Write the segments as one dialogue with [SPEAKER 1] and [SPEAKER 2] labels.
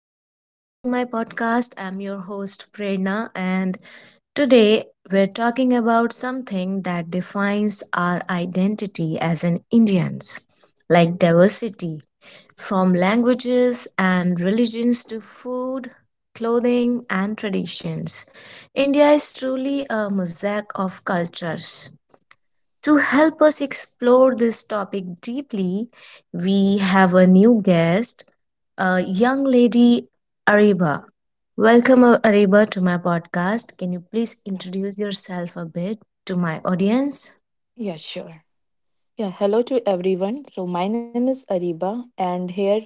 [SPEAKER 1] Welcome back to my podcast. I'm your host, Prerna, and today we're talking about something that defines our identity as an Indians, like diversity from languages and religions to food, clothing, and traditions. India is truly a mosaic of cultures. To help us explore this topic deeply, we have a new guest, a young lady, Ariba. Welcome, Ariba, to my podcast. Can you please
[SPEAKER 2] Yeah,
[SPEAKER 1] introduce yourself a bit to my audience?
[SPEAKER 2] Yeah, sure. Yeah, hello to everyone. So my name is Ariba and here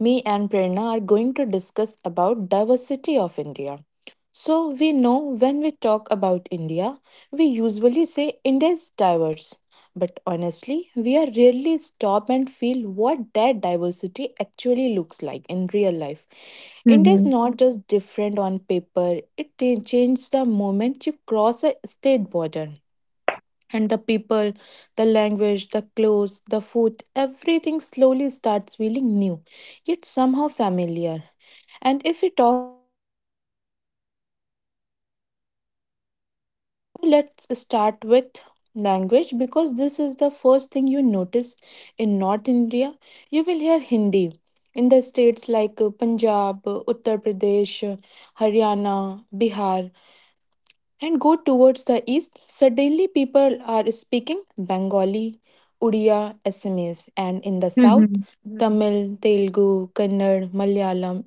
[SPEAKER 2] me and Prerna are going to discuss about diversity of India. So we know when we talk about India, we usually say India is diverse. But honestly, we are rarely stop and feel what that diversity actually looks like in real life. India is
[SPEAKER 1] Mm-hmm.
[SPEAKER 2] not just different on paper, it changes the moment you cross a state border. And the people, the language, the clothes, the food, everything slowly starts feeling new, yet somehow familiar. And if we talk, let's start with language because this is the first thing you notice in North India. You will hear Hindi in the states like Punjab, Uttar Pradesh, Haryana, Bihar, and go towards the east, suddenly people are speaking Bengali, Odia, Assamese, and in the south, Hmm, Tamil, Telugu, Kannad, Malayalam.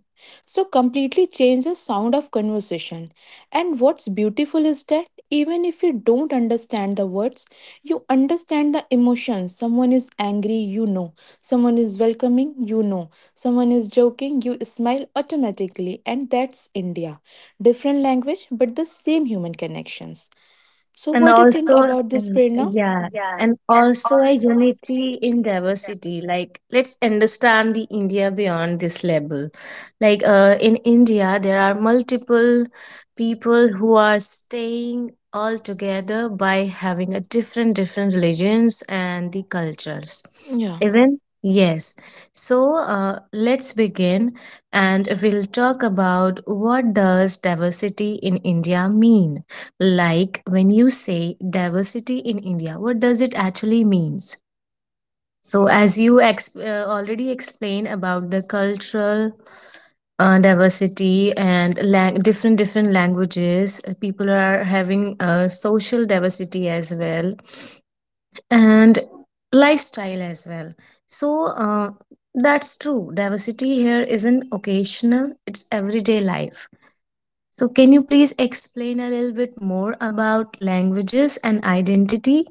[SPEAKER 2] So completely change the sound of conversation. And what's beautiful is that even if you don't understand the words, you understand the emotions. Someone is angry, you know. Someone is welcoming, you know. Someone is joking, you smile automatically. And that's India, different language but the same human connections. So
[SPEAKER 1] And
[SPEAKER 2] what do you
[SPEAKER 1] also,
[SPEAKER 2] think about this, Prerna?
[SPEAKER 1] yeah, and also a unity in diversity. Like, let's understand the India beyond this label. Like, in India, there are multiple people who are staying all together by having a different religions and the cultures.
[SPEAKER 2] Yeah.
[SPEAKER 1] Even yes. So, let's begin, and we'll talk about what does diversity in India mean. Like when you say diversity in India, what does it actually means? So, as you already explained about the cultural diversity and different languages, people are having social diversity as well, and lifestyle as well. So that's true. Diversity here isn't occasional; it's everyday life. So, can you please explain a little bit more about languages and identity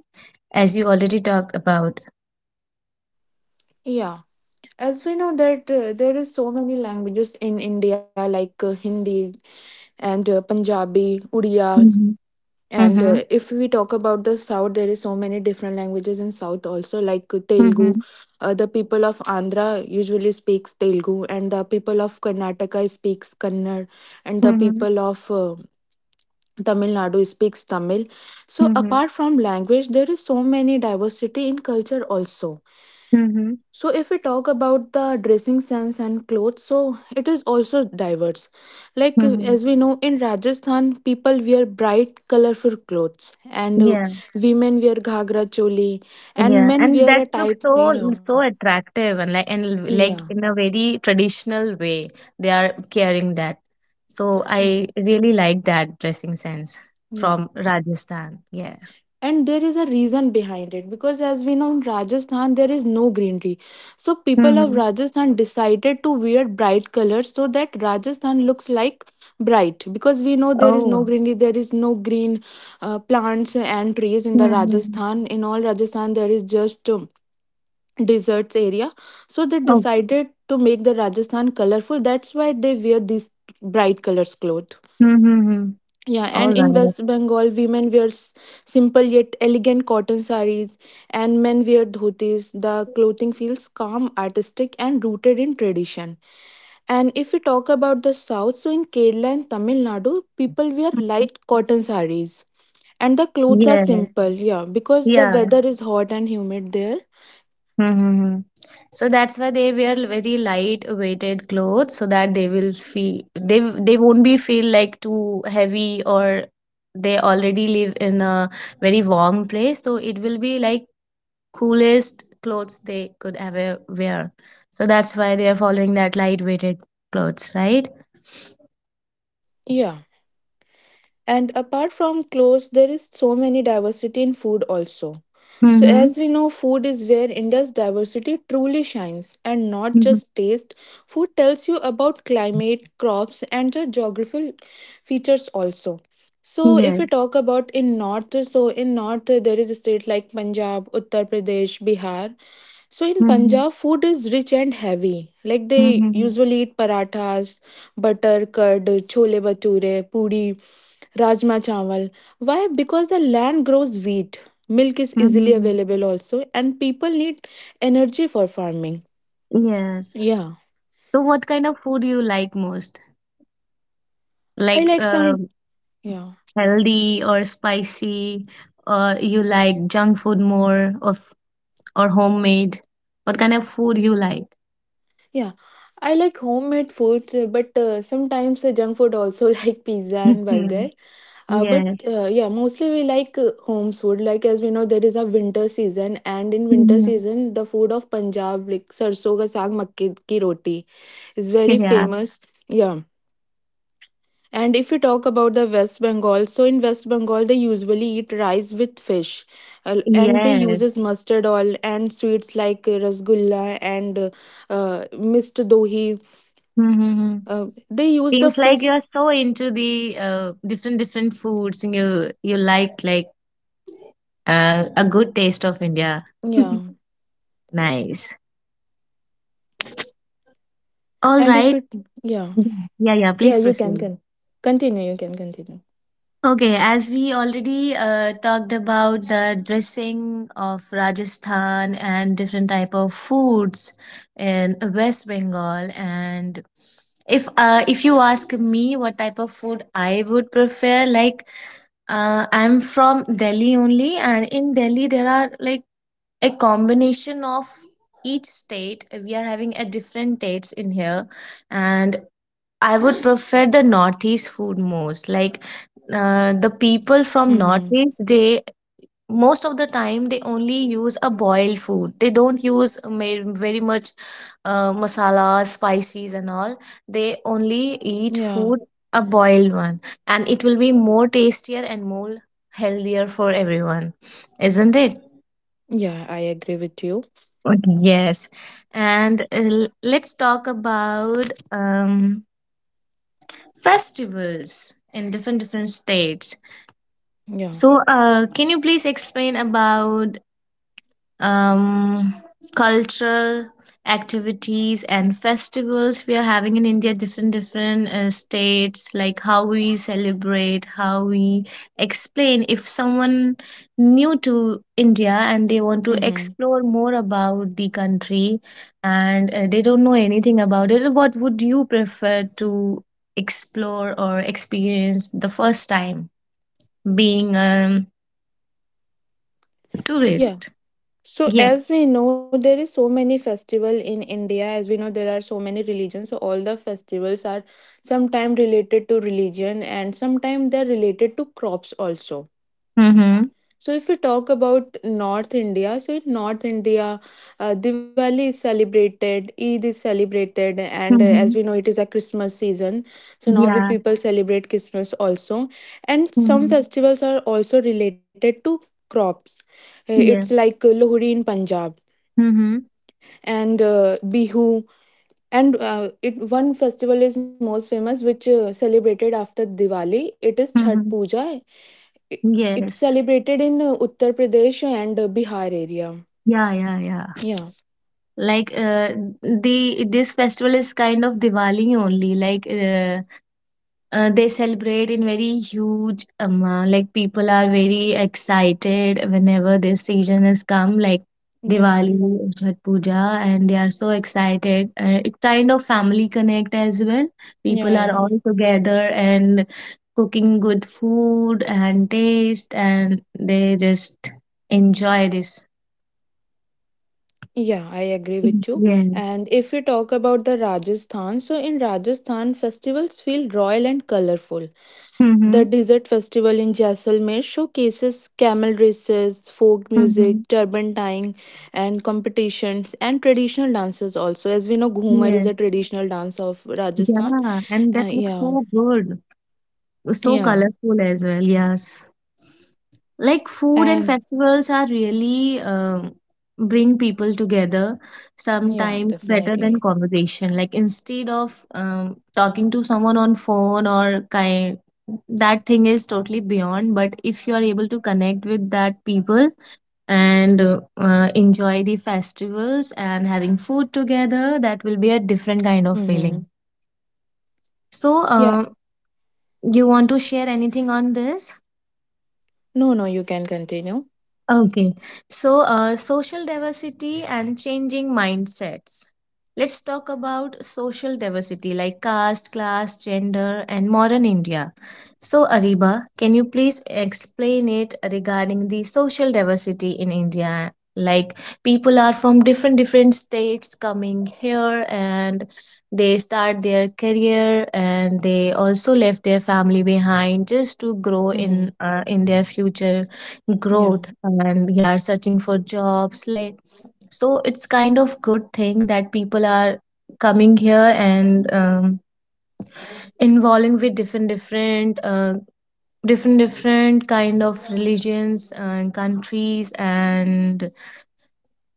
[SPEAKER 1] as you already talked about?
[SPEAKER 2] Yeah, as we know that there is so many languages in India, like Hindi and Punjabi, Odia,
[SPEAKER 1] Mhm.
[SPEAKER 2] and
[SPEAKER 1] Mm-hmm.
[SPEAKER 2] if we talk about the south, there is so many different languages in south also, like Telugu.
[SPEAKER 1] Mhm.
[SPEAKER 2] The people of Andhra usually speaks Telugu, and the people of Karnataka speaks Kannada, and the
[SPEAKER 1] Mhm.
[SPEAKER 2] people of Tamil Nadu speaks Tamil. So
[SPEAKER 1] Mhm.
[SPEAKER 2] apart from language, there is so many diversity in culture also.
[SPEAKER 1] Mhm.
[SPEAKER 2] So if we talk about the dressing sense and clothes, so it is also diverse. Like as
[SPEAKER 1] Mhm.
[SPEAKER 2] we know, in Rajasthan, people wear bright, colorful clothes, and
[SPEAKER 1] Yeah,
[SPEAKER 2] women wear ghagra choli, and
[SPEAKER 1] yeah,
[SPEAKER 2] men
[SPEAKER 1] and
[SPEAKER 2] wear
[SPEAKER 1] that
[SPEAKER 2] a
[SPEAKER 1] looks
[SPEAKER 2] type.
[SPEAKER 1] so
[SPEAKER 2] Yeah,
[SPEAKER 1] so attractive and
[SPEAKER 2] yeah,
[SPEAKER 1] like in a very traditional way, they are carrying that. So I really like that dressing sense
[SPEAKER 2] yeah.
[SPEAKER 1] from Rajasthan. Yeah.
[SPEAKER 2] And there is a reason behind it, because as we know, in Rajasthan there is no greenery, so people of
[SPEAKER 1] Mm-hmm.
[SPEAKER 2] Rajasthan decided to wear bright colors so that Rajasthan looks like bright, because we know there is
[SPEAKER 1] Oh.
[SPEAKER 2] no greenery, there is no green plants and trees in the
[SPEAKER 1] Mm-hmm.
[SPEAKER 2] Rajasthan. In all Rajasthan there is just deserts area, so they
[SPEAKER 1] Oh.
[SPEAKER 2] decided to make the Rajasthan colorful, that's why they wear these bright colors clothes.
[SPEAKER 1] Mm-hmm.
[SPEAKER 2] Yeah, and in West Bengal, women wear simple yet elegant cotton sarees, and men wear dhotis. The clothing feels calm, artistic, and rooted in tradition. And if we talk about the south, so in Kerala and Tamil Nadu, people wear light cotton sarees, and the clothes are
[SPEAKER 1] Yes,
[SPEAKER 2] simple. Yeah, because the
[SPEAKER 1] yeah.
[SPEAKER 2] weather is hot and humid there.
[SPEAKER 1] Mm-hmm. So that's why they wear very light weighted clothes so that they will feel they won't be feel like too heavy, or they already live in a very warm place, so it will be like coolest clothes they could ever wear. So that's why they are following that light weighted clothes, right?
[SPEAKER 2] Yeah. And apart from clothes, there is so many diversity in food also. So,
[SPEAKER 1] Mm-hmm.
[SPEAKER 2] as we know, food is where India's diversity truly shines, and not
[SPEAKER 1] Mm-hmm.
[SPEAKER 2] just taste. Food tells you about climate, crops, and the geographical features also. So, if
[SPEAKER 1] Yes.
[SPEAKER 2] we talk about in north, so in north there is a state like Punjab, Uttar Pradesh, Bihar. So in
[SPEAKER 1] Mm-hmm.
[SPEAKER 2] Punjab, food is rich and heavy. Like they
[SPEAKER 1] Mm-hmm.
[SPEAKER 2] usually eat parathas, butter, curd, chole bhature, puri, rajma chawal. Why? Because the land grows wheat. Milk is easily
[SPEAKER 1] Mm-hmm.
[SPEAKER 2] available also, and people need energy for farming.
[SPEAKER 1] Yes.
[SPEAKER 2] Yeah,
[SPEAKER 1] So what kind of food you like most?
[SPEAKER 2] I
[SPEAKER 1] Like
[SPEAKER 2] like some. Yeah,
[SPEAKER 1] healthy or spicy, or you like junk food more, or or homemade? What kind of food you like?
[SPEAKER 2] yeah, I like homemade foods, but sometimes junk food also like pizza and burger.
[SPEAKER 1] Mhm.
[SPEAKER 2] But
[SPEAKER 1] Yes.
[SPEAKER 2] yeah, mostly we like home's food. Like as we know, there is a winter season, and in winter
[SPEAKER 1] Mhm.
[SPEAKER 2] season, the food of Punjab, like sarson ka saag, makke ki roti, is very
[SPEAKER 1] Yeah.
[SPEAKER 2] famous. Yeah. And if you talk about the West Bengal, so in West Bengal they usually eat rice with fish. And they
[SPEAKER 1] Yes.
[SPEAKER 2] uses mustard oil and sweets like rasgulla and uh, mist dohi.
[SPEAKER 1] Hmm.
[SPEAKER 2] They use the
[SPEAKER 1] Seems like
[SPEAKER 2] fish.
[SPEAKER 1] you're so into the different foods and you like like, a good taste of India.
[SPEAKER 2] Yeah.
[SPEAKER 1] Nice. All
[SPEAKER 2] And if
[SPEAKER 1] right.
[SPEAKER 2] it, yeah,
[SPEAKER 1] Yeah, yeah,
[SPEAKER 2] yeah,
[SPEAKER 1] please
[SPEAKER 2] you can
[SPEAKER 1] proceed.
[SPEAKER 2] can continue. You can continue.
[SPEAKER 1] Okay, as we already talked about the dressing of Rajasthan and different type of foods in West Bengal, and if you ask me what type of food I would prefer, like I'm from Delhi only, and in Delhi there are like a combination of each state. We are having a different dates in here, and I would prefer the Northeast food most. Like the people from
[SPEAKER 2] Mm-hmm.
[SPEAKER 1] Northeast, they most of the time they only use a boiled food. They don't use very much masalas, spices, and all. They only eat
[SPEAKER 2] Yeah.
[SPEAKER 1] food a boiled one, and it will be more tastier and more healthier for everyone, isn't it?
[SPEAKER 2] Yeah, I agree with you.
[SPEAKER 1] Okay. Yes, and let's talk about festivals in different states.
[SPEAKER 2] Yeah.
[SPEAKER 1] So, can you please explain about um, cultural activities and festivals we are having in India, different states, like how we celebrate, how we explain. If someone new to India and they want to
[SPEAKER 2] Mm-hmm.
[SPEAKER 1] explore more about the country, and they don't know anything about it, what would you prefer to explore or experience the first time being a
[SPEAKER 2] Yeah.
[SPEAKER 1] tourist?
[SPEAKER 2] So
[SPEAKER 1] Yeah.
[SPEAKER 2] as we know, there is so many festival in India. As we know, there are so many religions. So all the festivals are sometime related to religion and sometime they're related to crops also.
[SPEAKER 1] Mm-hmm.
[SPEAKER 2] So, if we talk about North India, so in North India, Diwali is celebrated, Eid is celebrated, and as we
[SPEAKER 1] Mm-hmm.
[SPEAKER 2] know, it is a Christmas season. So now we
[SPEAKER 1] Yeah.
[SPEAKER 2] people celebrate Christmas also, and some
[SPEAKER 1] Mhm.
[SPEAKER 2] festivals are also related to crops. It's
[SPEAKER 1] Yeah.
[SPEAKER 2] like Lohri in Punjab
[SPEAKER 1] Mhm.
[SPEAKER 2] and Bihu, and it one festival is most famous, which celebrated after Diwali. It is Chhat
[SPEAKER 1] Mhm.
[SPEAKER 2] Puja. it, it's
[SPEAKER 1] Yes.
[SPEAKER 2] celebrated in Uttar Pradesh and Bihar area.
[SPEAKER 1] Yeah, yeah, yeah.
[SPEAKER 2] Yeah,
[SPEAKER 1] Like the this festival is kind of Diwali only. Like they celebrate in very huge amount. Like people are very excited whenever this season has come, like
[SPEAKER 2] yeah,
[SPEAKER 1] Diwali, Chhath Puja, and they are so excited. It kind of family connect as well.
[SPEAKER 2] yeah,
[SPEAKER 1] People are
[SPEAKER 2] yeah.
[SPEAKER 1] all together and cooking good food and taste, and they just enjoy this.
[SPEAKER 2] Yeah, I agree with you.
[SPEAKER 1] Yes.
[SPEAKER 2] And if we talk about the Rajasthan, so in Rajasthan, festivals feel royal and colorful. The
[SPEAKER 1] Mm-hmm.
[SPEAKER 2] Desert Festival in Jaisalmer showcases camel races, folk
[SPEAKER 1] Mm-hmm.
[SPEAKER 2] music, turban tying, and competitions, and traditional dances also. As we know, Ghumar is
[SPEAKER 1] Yes.
[SPEAKER 2] a traditional dance of Rajasthan.
[SPEAKER 1] Yeah. And that looks
[SPEAKER 2] Yeah,
[SPEAKER 1] so good. So
[SPEAKER 2] yeah,
[SPEAKER 1] colorful as well. Yes, like food and
[SPEAKER 2] and
[SPEAKER 1] festivals are really bring people together,
[SPEAKER 2] yeah,
[SPEAKER 1] sometimes better than
[SPEAKER 2] definitely.
[SPEAKER 1] conversation. Like instead of talking to someone on phone or kind, that thing is totally beyond. But if you are able to connect with that people and enjoy the festivals and having food together, that will be a different kind of
[SPEAKER 2] Mm-hmm.
[SPEAKER 1] feeling. So
[SPEAKER 2] Yeah.
[SPEAKER 1] you want to share anything on this?
[SPEAKER 2] No, no, you can continue.
[SPEAKER 1] Okay, so social diversity and changing mindsets. Let's talk about social diversity like caste, class, gender, and modern India. So, Ariba, can you please explain it regarding the social diversity in India? Like, people are from different states coming here and they start their career, and they also left their family behind just to grow
[SPEAKER 2] Mm-hmm.
[SPEAKER 1] in their future
[SPEAKER 2] Yeah.
[SPEAKER 1] growth, and we are searching for jobs like. So it's kind of good thing that people are coming here and involving with different different kind of religions and countries and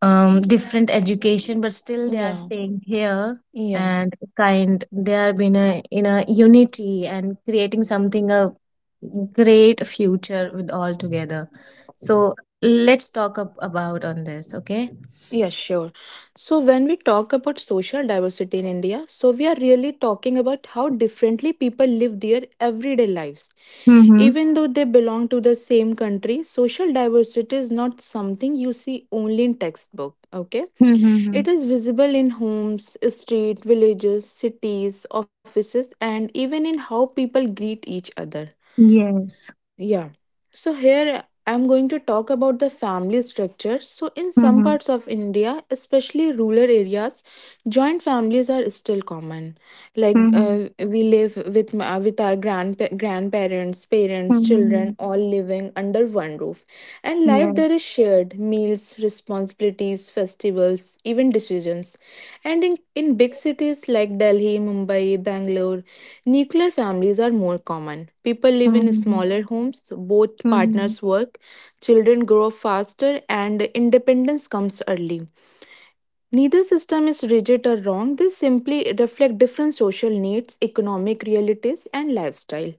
[SPEAKER 1] different education, but still they are
[SPEAKER 2] Yeah.
[SPEAKER 1] staying here
[SPEAKER 2] Yeah.
[SPEAKER 1] and kind. They are being a, in a unity and creating something a great future with all together. So let's talk up about on this, okay?
[SPEAKER 2] Yeah, sure. So when we talk about social diversity in India, so we are really talking about how differently people live their everyday lives.
[SPEAKER 1] Mm-hmm.
[SPEAKER 2] Even though they belong to the same country, social diversity is not something you see only in textbook, okay?
[SPEAKER 1] Mm-hmm.
[SPEAKER 2] It is visible in homes, street, villages, cities, offices, and even in how people greet each other.
[SPEAKER 1] Yes.
[SPEAKER 2] Yeah. So here I'm going to talk about the family structure. So in some
[SPEAKER 1] Mm-hmm.
[SPEAKER 2] parts of India, especially rural areas, joint families are still common. Like
[SPEAKER 1] Mm-hmm.
[SPEAKER 2] we live with with our grandparents, parents, children,
[SPEAKER 1] Mm-hmm.
[SPEAKER 2] all living under one roof, and life
[SPEAKER 1] Yes.
[SPEAKER 2] there is shared meals, responsibilities, festivals, even decisions. And in big cities like Delhi, Mumbai, Bangalore, nuclear families are more common. People live in
[SPEAKER 1] Mm-hmm.
[SPEAKER 2] smaller homes, both
[SPEAKER 1] Mm-hmm.
[SPEAKER 2] partners work, children grow up faster, and independence comes early. Neither system is rigid or wrong, they simply reflect different social needs, economic realities, and lifestyle.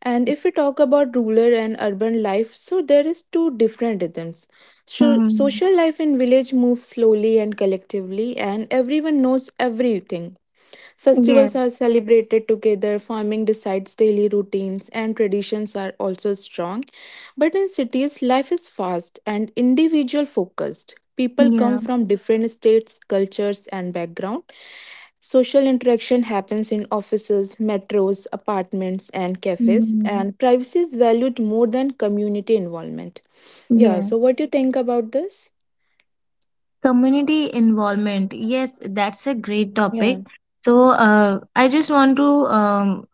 [SPEAKER 2] And if we talk about rural and urban life, so there is two different rhythms. So
[SPEAKER 1] Mm-hmm.
[SPEAKER 2] social life in village moves slowly and collectively, and everyone knows everything.
[SPEAKER 1] Yes.
[SPEAKER 2] Festivals are celebrated together, farming decides daily routines, and traditions are also strong. But in cities, life is fast and individual focused. People come
[SPEAKER 1] Yeah.
[SPEAKER 2] from different states, cultures, and background. Social interaction happens in offices, metros, apartments, and cafes,
[SPEAKER 1] Mm-hmm.
[SPEAKER 2] and privacy is valued more than community involvement. Yeah, so what do you think about this?
[SPEAKER 1] Community involvement. Yes, that's a great topic.
[SPEAKER 2] Yeah.
[SPEAKER 1] So, I just want to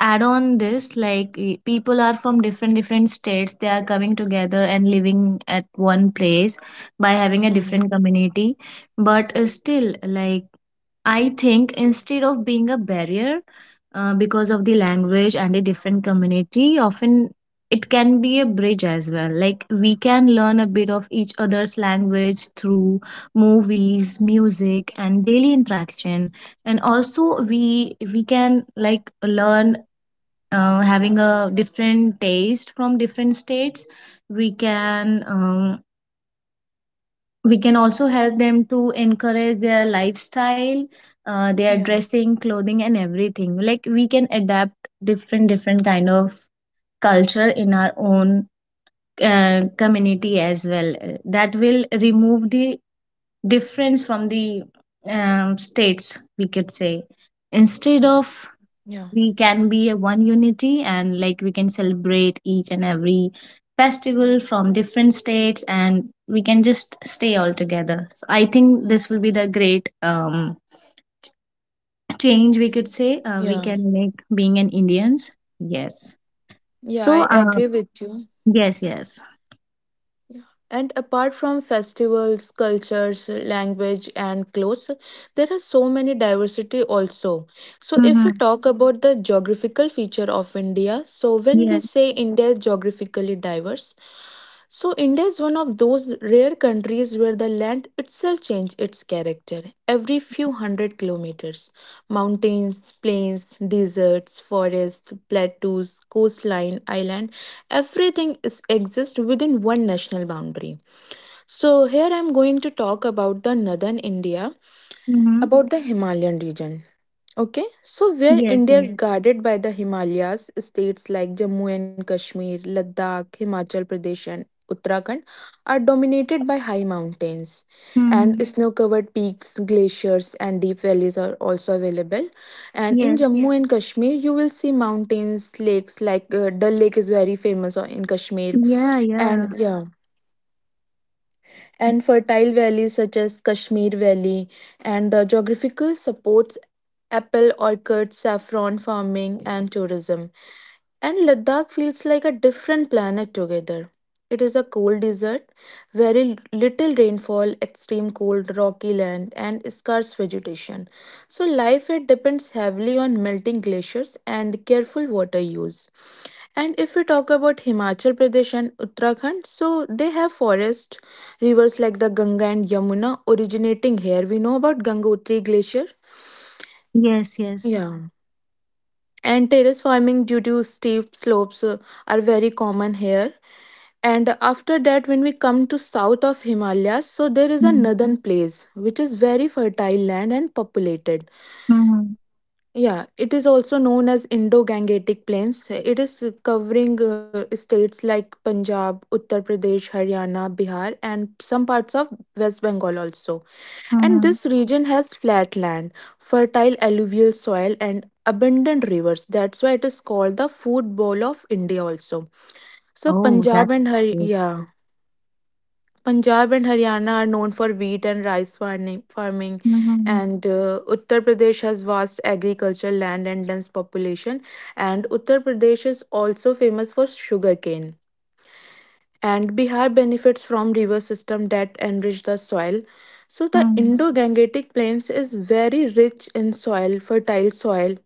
[SPEAKER 1] add on this. Like, people are from different states. They are coming together and living at one place by having a
[SPEAKER 2] Mm-hmm.
[SPEAKER 1] different community. But still, like I think instead of being a barrier because of the language and a different community, often it can be a bridge as well. Like we can learn a bit of each other's language through movies, music, and daily interaction. And also we can like learn having a different taste from different states. We can um, we can also help them to encourage their lifestyle, their
[SPEAKER 2] Yeah.
[SPEAKER 1] dressing clothing and everything. Like we can adapt different kind of culture in our own community as well. That will remove the difference from the states, we could say, instead of.
[SPEAKER 2] Yeah.
[SPEAKER 1] We can be a one unity, and like we can celebrate each and every festival from different states, and we can just stay all together. So I think this will be the great change, we could say, we
[SPEAKER 2] Yeah.
[SPEAKER 1] can make being an Indians. Yes.
[SPEAKER 2] Yeah,
[SPEAKER 1] So
[SPEAKER 2] I agree with you.
[SPEAKER 1] yes, yes.
[SPEAKER 2] And apart from festivals, cultures, language, and clothes, there are so many diversity also. So, if we
[SPEAKER 1] Mm-hmm.
[SPEAKER 2] talk about the geographical feature of India, so when we
[SPEAKER 1] Yes.
[SPEAKER 2] say India is geographically diverse, so India is one those rare countries where the land itself changes its character every few hundred kilometers. Mountains, plains, deserts, forests, plateaus, coastline, island, everything is exists within one national boundary. So here I'm going to talk about the northern India,
[SPEAKER 1] Mm-hmm.
[SPEAKER 2] about the Himalayan region. Okay, so where
[SPEAKER 1] Yes,
[SPEAKER 2] India
[SPEAKER 1] yes.
[SPEAKER 2] is guarded by the Himalayas, states like Jammu and Kashmir, Ladakh, Himachal Pradesh, and Uttarakhand are dominated by high mountains, and
[SPEAKER 1] Mm-hmm.
[SPEAKER 2] snow covered peaks, glaciers, and deep valleys are also available. And in
[SPEAKER 1] Yes.
[SPEAKER 2] Jammu and Kashmir, you will see mountains, lakes like Dal Lake is very famous in Kashmir,
[SPEAKER 1] Yeah,
[SPEAKER 2] and
[SPEAKER 1] yeah.
[SPEAKER 2] yeah, and fertile valleys such as Kashmir Valley, and the geographical supports apple orchards, saffron farming, and tourism. And Ladakh feels like a different planet together. It is a cold desert, very little rainfall, extreme cold, rocky land, and scarce vegetation. So, life it depends heavily on melting glaciers and careful water use. And if we talk about Himachal Pradesh and Uttarakhand, so they have forests, rivers like the Ganga and Yamuna originating here. We know about Gangotri Glacier.
[SPEAKER 1] Yes, yes.
[SPEAKER 2] Yeah. And terrace farming due to steep slopes are very common here. And after that, when we come to south of Himalayas, so there is a
[SPEAKER 1] Mm-hmm.
[SPEAKER 2] northern place which is very fertile land and populated.
[SPEAKER 1] Mm-hmm.
[SPEAKER 2] Yeah, it is also known as Indo-Gangetic Plains. It is covering states like Punjab, Uttar Pradesh, Haryana, Bihar, and some parts of West Bengal also. And
[SPEAKER 1] Mm-hmm.
[SPEAKER 2] this region has flat land, fertile alluvial soil, and abundant rivers. That's why it is called the food bowl of India also. So
[SPEAKER 1] Oh, that's
[SPEAKER 2] Punjab and
[SPEAKER 1] good.
[SPEAKER 2] yeah, Punjab and Haryana are known for wheat and rice farming, farming,
[SPEAKER 1] Mm-hmm.
[SPEAKER 2] and Uttar Pradesh has vast agricultural land and dense population. And Uttar Pradesh is also famous for sugarcane, and Bihar benefits from river system that enrich the soil. So the
[SPEAKER 1] Mm-hmm.
[SPEAKER 2] Indo-Gangetic Plains is very rich in soil, fertile soil,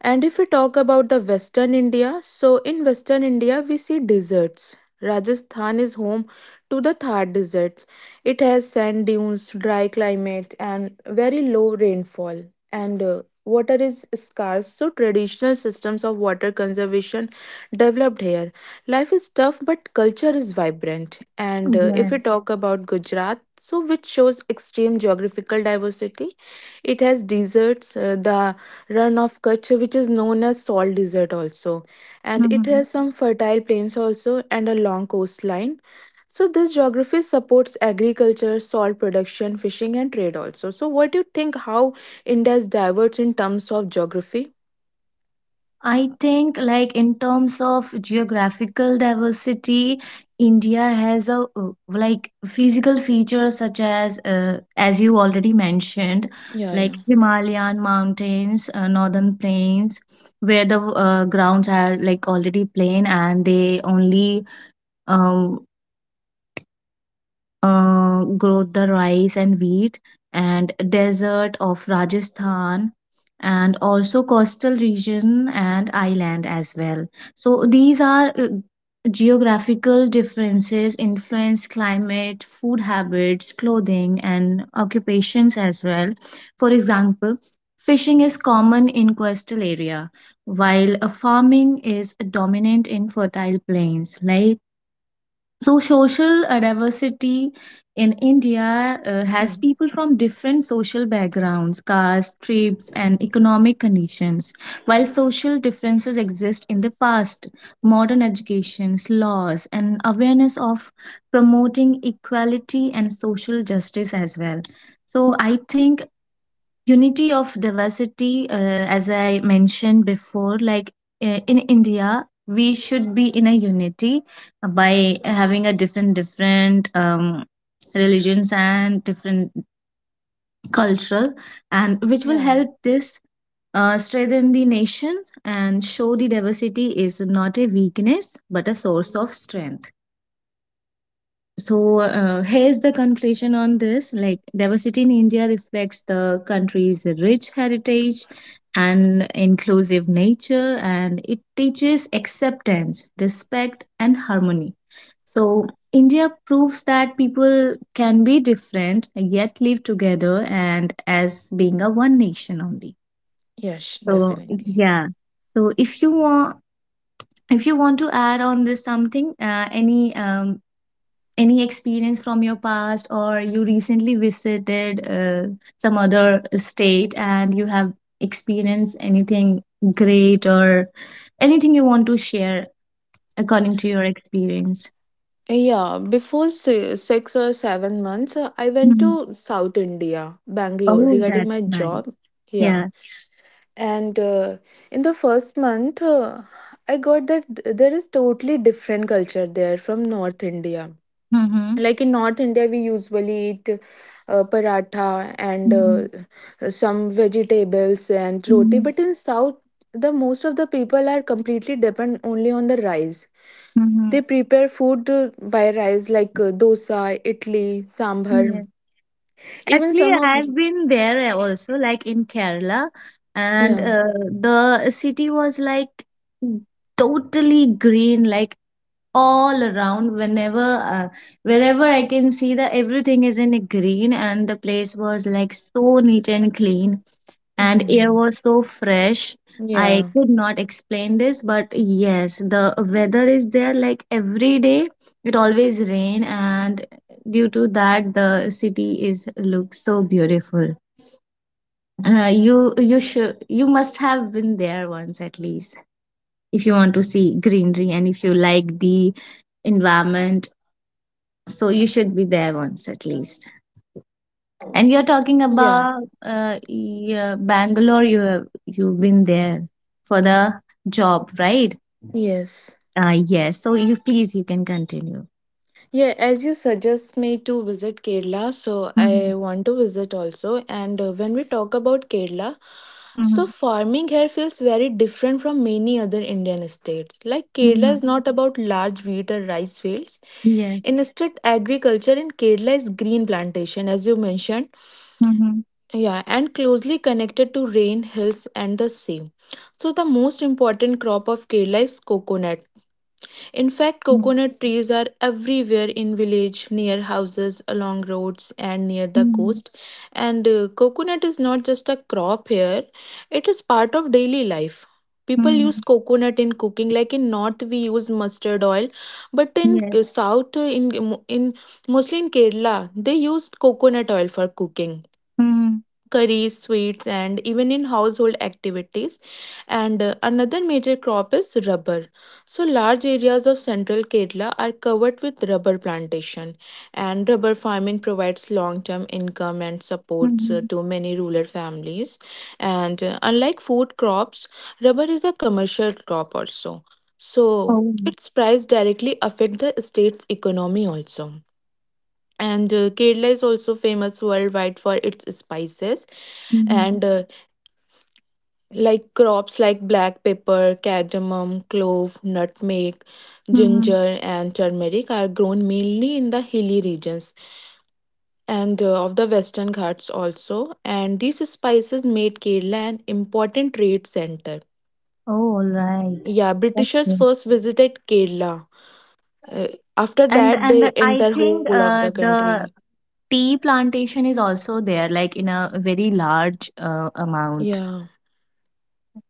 [SPEAKER 2] and if we talk about the Western India, so in Western India we see deserts. Rajasthan is home to the Thar Desert. It has sand dunes, dry climate, and very low rainfall. And Water is scarce, so traditional systems of water conservation developed here. Life is tough, but culture is vibrant. And If
[SPEAKER 1] Yes.
[SPEAKER 2] we talk about Gujarat, so which shows extreme geographical diversity, it has deserts, the run of Kutch, which is known as salt desert also. And it
[SPEAKER 1] Mhm.
[SPEAKER 2] has some fertile plains also and a long coastline. So this geography supports agriculture, salt production, fishing and trade also. So what do you think how India is diverse in terms of geography?
[SPEAKER 1] I think, like, in terms of geographical diversity, India has a like physical features such as you already mentioned,
[SPEAKER 2] Yeah,
[SPEAKER 1] like
[SPEAKER 2] yeah.
[SPEAKER 1] Himalayan mountains, northern plains, where the grounds are like already plain and they only um, grow the rice and wheat, and desert of Rajasthan, and also coastal region and island as well. So these are geographical differences influence climate, food habits, clothing, and occupations as well. For example, fishing is common in coastal area, while farming is dominant in fertile plains like. So, social diversity in India has
[SPEAKER 2] Mm.
[SPEAKER 1] people from different social backgrounds, caste, tribes, and economic conditions. While social differences exist in the past, modern educations, laws, and awareness of promoting equality and social justice as well. So, I think unity of diversity, as I mentioned before, like in India we should be in a unity, by having a different religions and different cultural, and which will
[SPEAKER 2] Yeah.
[SPEAKER 1] help this strengthen the nation and show the diversity is not a weakness but a source of strength. So here's the conclusion on this. Like diversity in India reflects the country's rich heritage and inclusive nature, and it teaches acceptance, respect, and harmony. So India proves that people can be different yet live together and as being a one nation only.
[SPEAKER 2] Yes,
[SPEAKER 1] So
[SPEAKER 2] definitely.
[SPEAKER 1] yeah. So if you want, if you want to add on this something, any experience from your past, or you recently visited some other state and you have experienced anything great, or anything you want to share according to your experience?
[SPEAKER 2] Yeah, before 6 or 7 months, I went
[SPEAKER 1] Hmm.
[SPEAKER 2] to South India, Bangalore,
[SPEAKER 1] Oh,
[SPEAKER 2] regarding
[SPEAKER 1] that's
[SPEAKER 2] my
[SPEAKER 1] nice.
[SPEAKER 2] job. Yeah.
[SPEAKER 1] Yeah.
[SPEAKER 2] and in the first month I got that there is totally different culture there from North India.
[SPEAKER 1] Mm-hmm.
[SPEAKER 2] Like in North India we usually eat paratha and
[SPEAKER 1] Mm-hmm.
[SPEAKER 2] some vegetables and roti,
[SPEAKER 1] Mm-hmm.
[SPEAKER 2] but in south the most of the people are completely depend only on the rice. They
[SPEAKER 1] Mm-hmm.
[SPEAKER 2] prepare food by rice, like dosa, idli, sambar,
[SPEAKER 1] Yeah.
[SPEAKER 2] even
[SPEAKER 1] Actually,
[SPEAKER 2] some of,
[SPEAKER 1] I've been there also, like in Kerala, and
[SPEAKER 2] yeah.
[SPEAKER 1] the city was like totally green, like all around. Whenever wherever I can see that everything is in green, and the place was like so neat and clean, and air
[SPEAKER 2] Mhm.
[SPEAKER 1] was so fresh. I
[SPEAKER 2] Yeah.
[SPEAKER 1] could not explain this, but yes, the weather is there like every day it always rain, and due to that the city is looks so beautiful. You you should, you must have been there once at least. If you want to see greenery and if you like the environment, so you should be there once at least. And you're talking
[SPEAKER 2] Yeah.
[SPEAKER 1] about yeah, Bangalore. You have you've been there for the job, right?
[SPEAKER 2] Yes.
[SPEAKER 1] Yes. So you please you can continue.
[SPEAKER 2] Yeah, as you suggest me to visit Kerala, so I
[SPEAKER 1] Mhm,
[SPEAKER 2] want to visit also. And when we talk about Kerala, so
[SPEAKER 1] mhm,
[SPEAKER 2] farming here feels very different from many other Indian states. Like Kerala
[SPEAKER 1] mhm.
[SPEAKER 2] is not about large wheat or rice fields.
[SPEAKER 1] Yes.
[SPEAKER 2] Instead, agriculture in Kerala is green plantation, as you mentioned.
[SPEAKER 1] Mhm,
[SPEAKER 2] Yeah, and closely connected to rain, hills, and the sea. So the most important crop of Kerala is coconut. In fact,
[SPEAKER 1] mhm,
[SPEAKER 2] coconut trees are everywhere in village, near houses, along roads, and near the
[SPEAKER 1] mhm,
[SPEAKER 2] coast. And Coconut is not just a crop here; it is part of daily life. People use
[SPEAKER 1] mhm,
[SPEAKER 2] coconut in cooking, like in north we use mustard oil, but in
[SPEAKER 1] yes.
[SPEAKER 2] south, in mostly in Kerala they use coconut oil for cooking,
[SPEAKER 1] Mhm,
[SPEAKER 2] curries, sweets, and even in household activities. And Another major crop is rubber. So, large areas of central Kerala are covered with rubber plantation, and rubber farming provides long term income and supports
[SPEAKER 1] mhm.
[SPEAKER 2] to many rural families. And Unlike food crops, rubber is a commercial crop also. So,
[SPEAKER 1] Oh.
[SPEAKER 2] its price directly affect the state's economy also. And Kerala is also famous worldwide for its spices,
[SPEAKER 1] Mhm,
[SPEAKER 2] and like crops like black pepper, cardamom, clove, nutmeg,
[SPEAKER 1] mhm.
[SPEAKER 2] ginger, and turmeric are grown mainly in the hilly regions and of the Western Ghats also. And these spices made Kerala an important trade center.
[SPEAKER 1] Oh, all right.
[SPEAKER 2] Yeah,
[SPEAKER 1] That's
[SPEAKER 2] Britishers
[SPEAKER 1] good.
[SPEAKER 2] first visited Kerala. Uh, After
[SPEAKER 1] And
[SPEAKER 2] that,
[SPEAKER 1] and
[SPEAKER 2] they
[SPEAKER 1] I
[SPEAKER 2] enter whole
[SPEAKER 1] think
[SPEAKER 2] of the country.
[SPEAKER 1] the tea plantation is also there, like in a very large amount.
[SPEAKER 2] Yeah.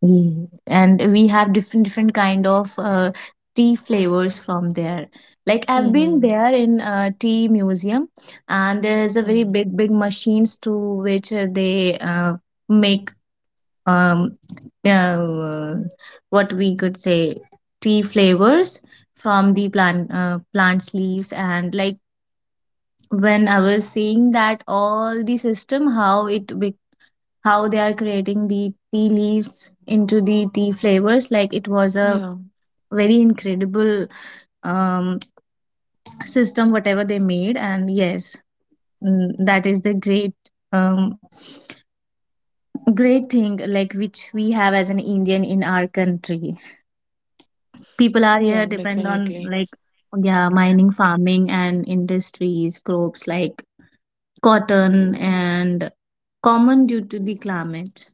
[SPEAKER 1] Mm. And we have different kind of tea flavors from there. Like I've been
[SPEAKER 2] Mm-hmm.
[SPEAKER 1] there in a tea museum, and there's a very
[SPEAKER 2] Mm.
[SPEAKER 1] big machines to which they make um uh, what we could say, tea flavors from the plants leaves. And like when I was seeing that, all the system how it be, how they are creating the tea leaves into the tea flavors, like it was a
[SPEAKER 2] Yeah.
[SPEAKER 1] very incredible um, system whatever they made. And yes, mm, that is the great um, great thing like which we have as an Indian in our country. People are here
[SPEAKER 2] Yeah.
[SPEAKER 1] depend on,
[SPEAKER 2] Definitely.
[SPEAKER 1] like, yeah, mining, farming, and industries crops like cotton and common due to the climate.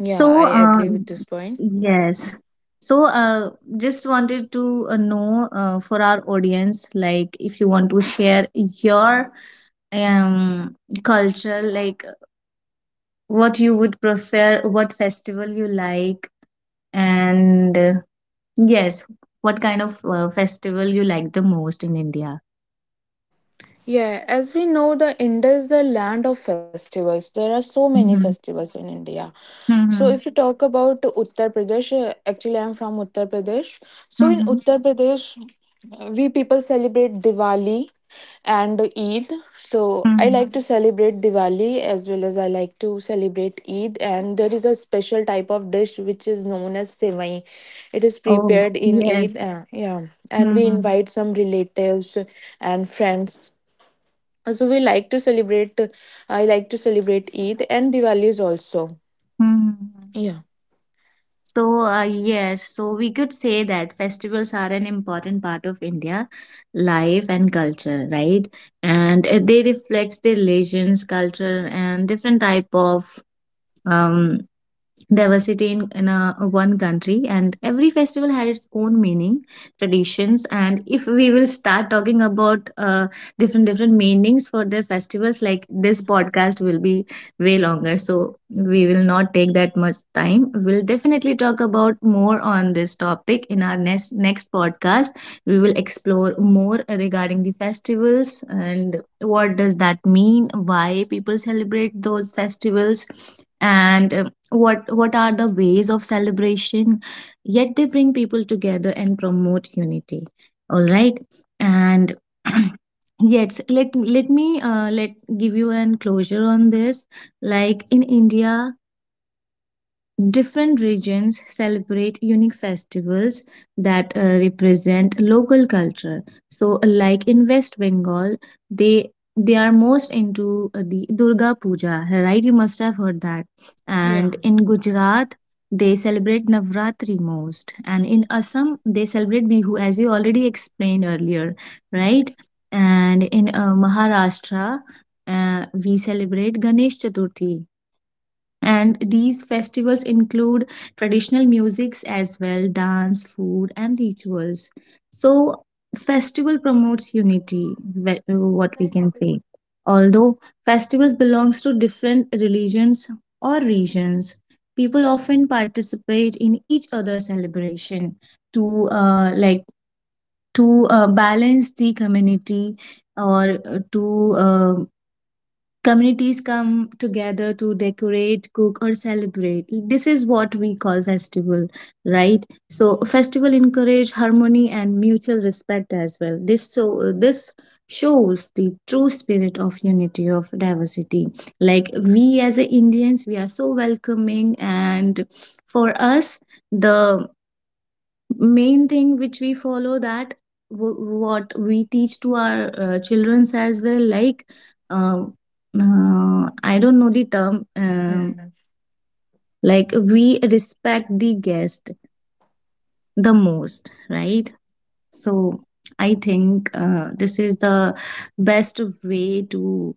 [SPEAKER 2] Yeah,
[SPEAKER 1] So,
[SPEAKER 2] I
[SPEAKER 1] uh,
[SPEAKER 2] agree with this point.
[SPEAKER 1] yes. So, uh, just wanted to know for our audience, like, if you want to share your um culture, like, what you would prefer, what festival you like, and yes, what kind of festival you like the most in India.
[SPEAKER 2] Yeah, as we know, the India is the land of festivals. There are so many
[SPEAKER 1] Hmm.
[SPEAKER 2] festivals in India. So, if you
[SPEAKER 1] Hmm.
[SPEAKER 2] talk about Uttar Pradesh, actually, I'm from Uttar Pradesh. So, in
[SPEAKER 1] Hmm.
[SPEAKER 2] Uttar Pradesh, we people celebrate Diwali and Eid. So, I
[SPEAKER 1] Hmm.
[SPEAKER 2] like to celebrate Diwali as well as I like to celebrate Eid. And there is a special type of dish which is known as Sevai. It is
[SPEAKER 1] Oh,
[SPEAKER 2] prepared in
[SPEAKER 1] yes.
[SPEAKER 2] Eid. Yeah. And we
[SPEAKER 1] Hmm.
[SPEAKER 2] invite some relatives and friends, so we like to celebrate, I like to celebrate Eid and Diwali's also.
[SPEAKER 1] Hmm.
[SPEAKER 2] Yeah.
[SPEAKER 1] Yes, so we could say that festivals are an important part of India life and culture, right? And they reflect their religions, culture, and different type of um, diversity in a, one country. And every festival had its own meaning, traditions. And if we will start talking about different meanings for their festivals, like this podcast will be way longer, so we will not take that much time. We'll definitely talk about more on this topic in our next podcast. We will explore more regarding the festivals and what does that mean, why people celebrate those festivals, and what are the ways of celebration, yet they bring people together and promote unity. All right. And yes, let let me let give you an closure on this. Like in India, different regions celebrate unique festivals that represent local culture. So, like in West Bengal, they are most into the Durga Puja, right? You must have heard that.
[SPEAKER 2] Yeah.
[SPEAKER 1] And in Gujarat, they celebrate Navratri most. And in Assam, they celebrate Bihu, as you already explained earlier, right? And in Maharashtra, we celebrate Ganesh Chaturthi. And these festivals include traditional musics as well, dance, food, and rituals. So festival promotes unity, what we can say. Although festivals belongs to different religions or regions, people often participate in each other's celebration to, like, to balance the community, or to communities come together to decorate, cook, or celebrate. This is what we call festival, right? So festival encourage harmony and mutual respect as well. This shows the true spirit of unity of diversity. Like we as a Indians, we are so welcoming, and for us, the main thing which we follow that what we teach to our children as well, like uh, I don't know the term,
[SPEAKER 2] Mhm.
[SPEAKER 1] like we respect the guest the most, right? So I think this is the best way to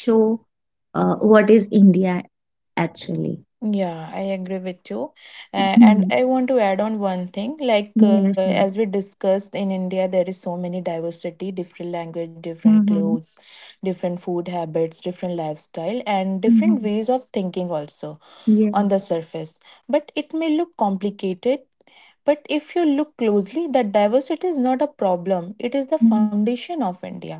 [SPEAKER 1] show what is India actually.
[SPEAKER 2] Yeah, I agree with you. And
[SPEAKER 1] Hmm.
[SPEAKER 2] I want to add on one thing. Like,
[SPEAKER 1] Yeah,
[SPEAKER 2] as we
[SPEAKER 1] sure.
[SPEAKER 2] discussed in India, there is so many diversity, different language, different
[SPEAKER 1] Mm-hmm.
[SPEAKER 2] clothes, different food habits, different lifestyle, and different
[SPEAKER 1] Mm-hmm.
[SPEAKER 2] ways of thinking also
[SPEAKER 1] Yeah.
[SPEAKER 2] on the surface. But it may look complicated. But if you look closely, the diversity is not a problem. It is the
[SPEAKER 1] Mhm.
[SPEAKER 2] foundation of India.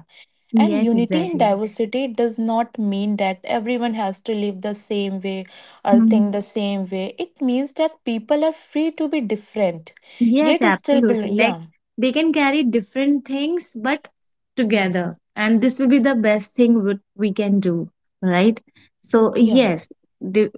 [SPEAKER 2] And
[SPEAKER 1] Yes,
[SPEAKER 2] unity in
[SPEAKER 1] exactly.
[SPEAKER 2] diversity does not mean that everyone has to live the same way or think the same way. It means that people are free to be different,
[SPEAKER 1] Yes,
[SPEAKER 2] yet still belong.
[SPEAKER 1] absolutely. Like
[SPEAKER 2] Yeah,
[SPEAKER 1] they can carry different things, but together. And this will be the best thing what we can do, right? So,
[SPEAKER 2] yeah,
[SPEAKER 1] yes, di-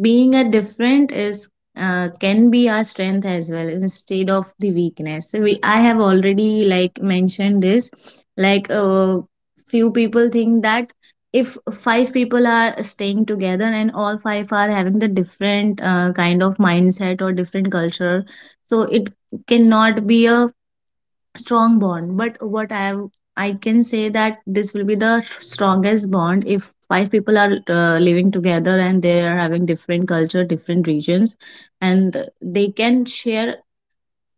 [SPEAKER 1] being a different is can be our strength as well instead of the weakness. So we I have already like mentioned this. Like few people think that if five people are staying together and all five are having the different kind of mindset or different culture, so it cannot be a strong bond. But what I have, I can say that this will be the strongest bond if five people are living together and they are having different culture, different regions, and they can share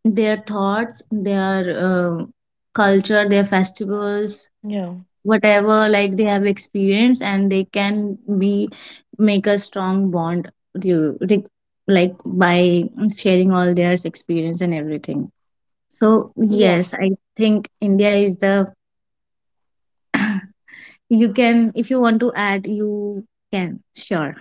[SPEAKER 1] their thoughts, their culture, their festivals,
[SPEAKER 2] yeah,
[SPEAKER 1] whatever like they have experience, and they can be make a strong bond to, like, by sharing all their experience and everything. So
[SPEAKER 2] yeah.
[SPEAKER 1] yes, I think India is the, you can, if you want to add, you can sure.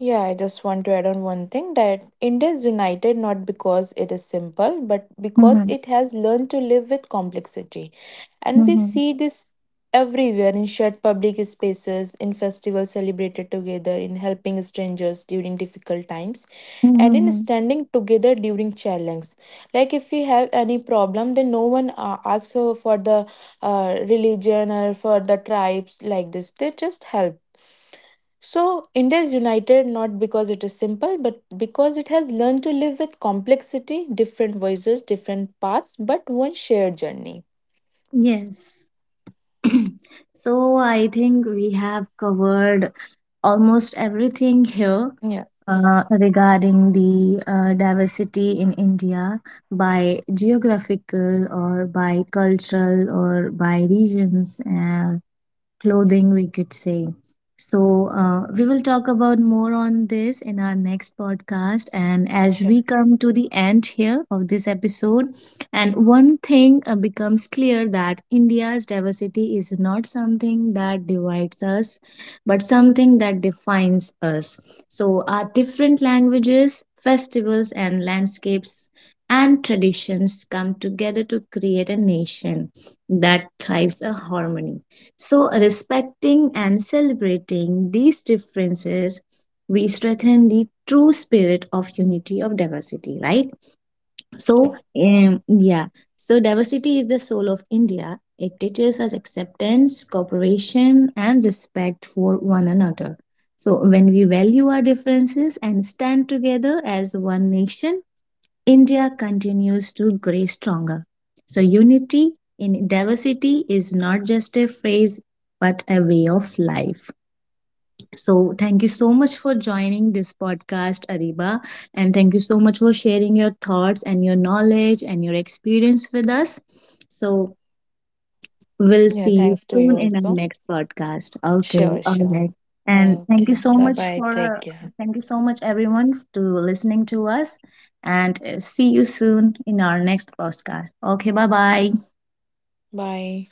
[SPEAKER 2] Yeah, I just want to add on one thing that India is united not because it is simple, but because
[SPEAKER 1] Mm-hmm.
[SPEAKER 2] it has learned to live with complexity. And we
[SPEAKER 1] Mm-hmm.
[SPEAKER 2] see this everywhere in shared public spaces, in festivals celebrated together, in helping strangers during difficult times, and in
[SPEAKER 1] Mm-hmm.
[SPEAKER 2] standing together during challenge. Like if we have any problem then no one asks for the religion or for the tribes like this, they just help. So India is united not because it is simple but because it has learned to live with complexity, different voices, different paths, but one shared journey.
[SPEAKER 1] Yes. So I think we have covered almost everything here regarding the diversity in India, by geographical or by cultural or by regions, clothing we could say. So we will talk about more on this in our next podcast. And as
[SPEAKER 2] Yeah,
[SPEAKER 1] we
[SPEAKER 2] sure.
[SPEAKER 1] come to the end here of this episode, and one thing becomes clear that India's diversity is not something that divides us, but something that defines us. So our different languages, festivals and landscapes, and traditions come together to create a nation that thrives a harmony. So, respecting and celebrating these differences, we strengthen the true spirit of unity of diversity, right? So,
[SPEAKER 2] Sure.
[SPEAKER 1] yeah, so diversity is the soul of India. It teaches us acceptance, cooperation, and respect for one another. So, when we value our differences and stand together as one nation, India continues to grow stronger. So, unity in diversity is not just a phrase, but a way of life. So, thank you so much for joining this podcast, Ariba. And thank you so much for sharing your thoughts and your knowledge and your experience with us. So, we'll
[SPEAKER 2] Yeah,
[SPEAKER 1] see
[SPEAKER 2] thanks
[SPEAKER 1] you
[SPEAKER 2] to you
[SPEAKER 1] soon in our
[SPEAKER 2] also.
[SPEAKER 1] next podcast.
[SPEAKER 2] Sure,
[SPEAKER 1] Okay, all
[SPEAKER 2] sure.
[SPEAKER 1] right. And
[SPEAKER 2] Okay,
[SPEAKER 1] thank you so
[SPEAKER 2] bye
[SPEAKER 1] much
[SPEAKER 2] bye, take
[SPEAKER 1] for
[SPEAKER 2] care.
[SPEAKER 1] thank you so much everyone to listening to us. And see you soon in our next podcast. Okay, bye-bye.
[SPEAKER 2] Bye.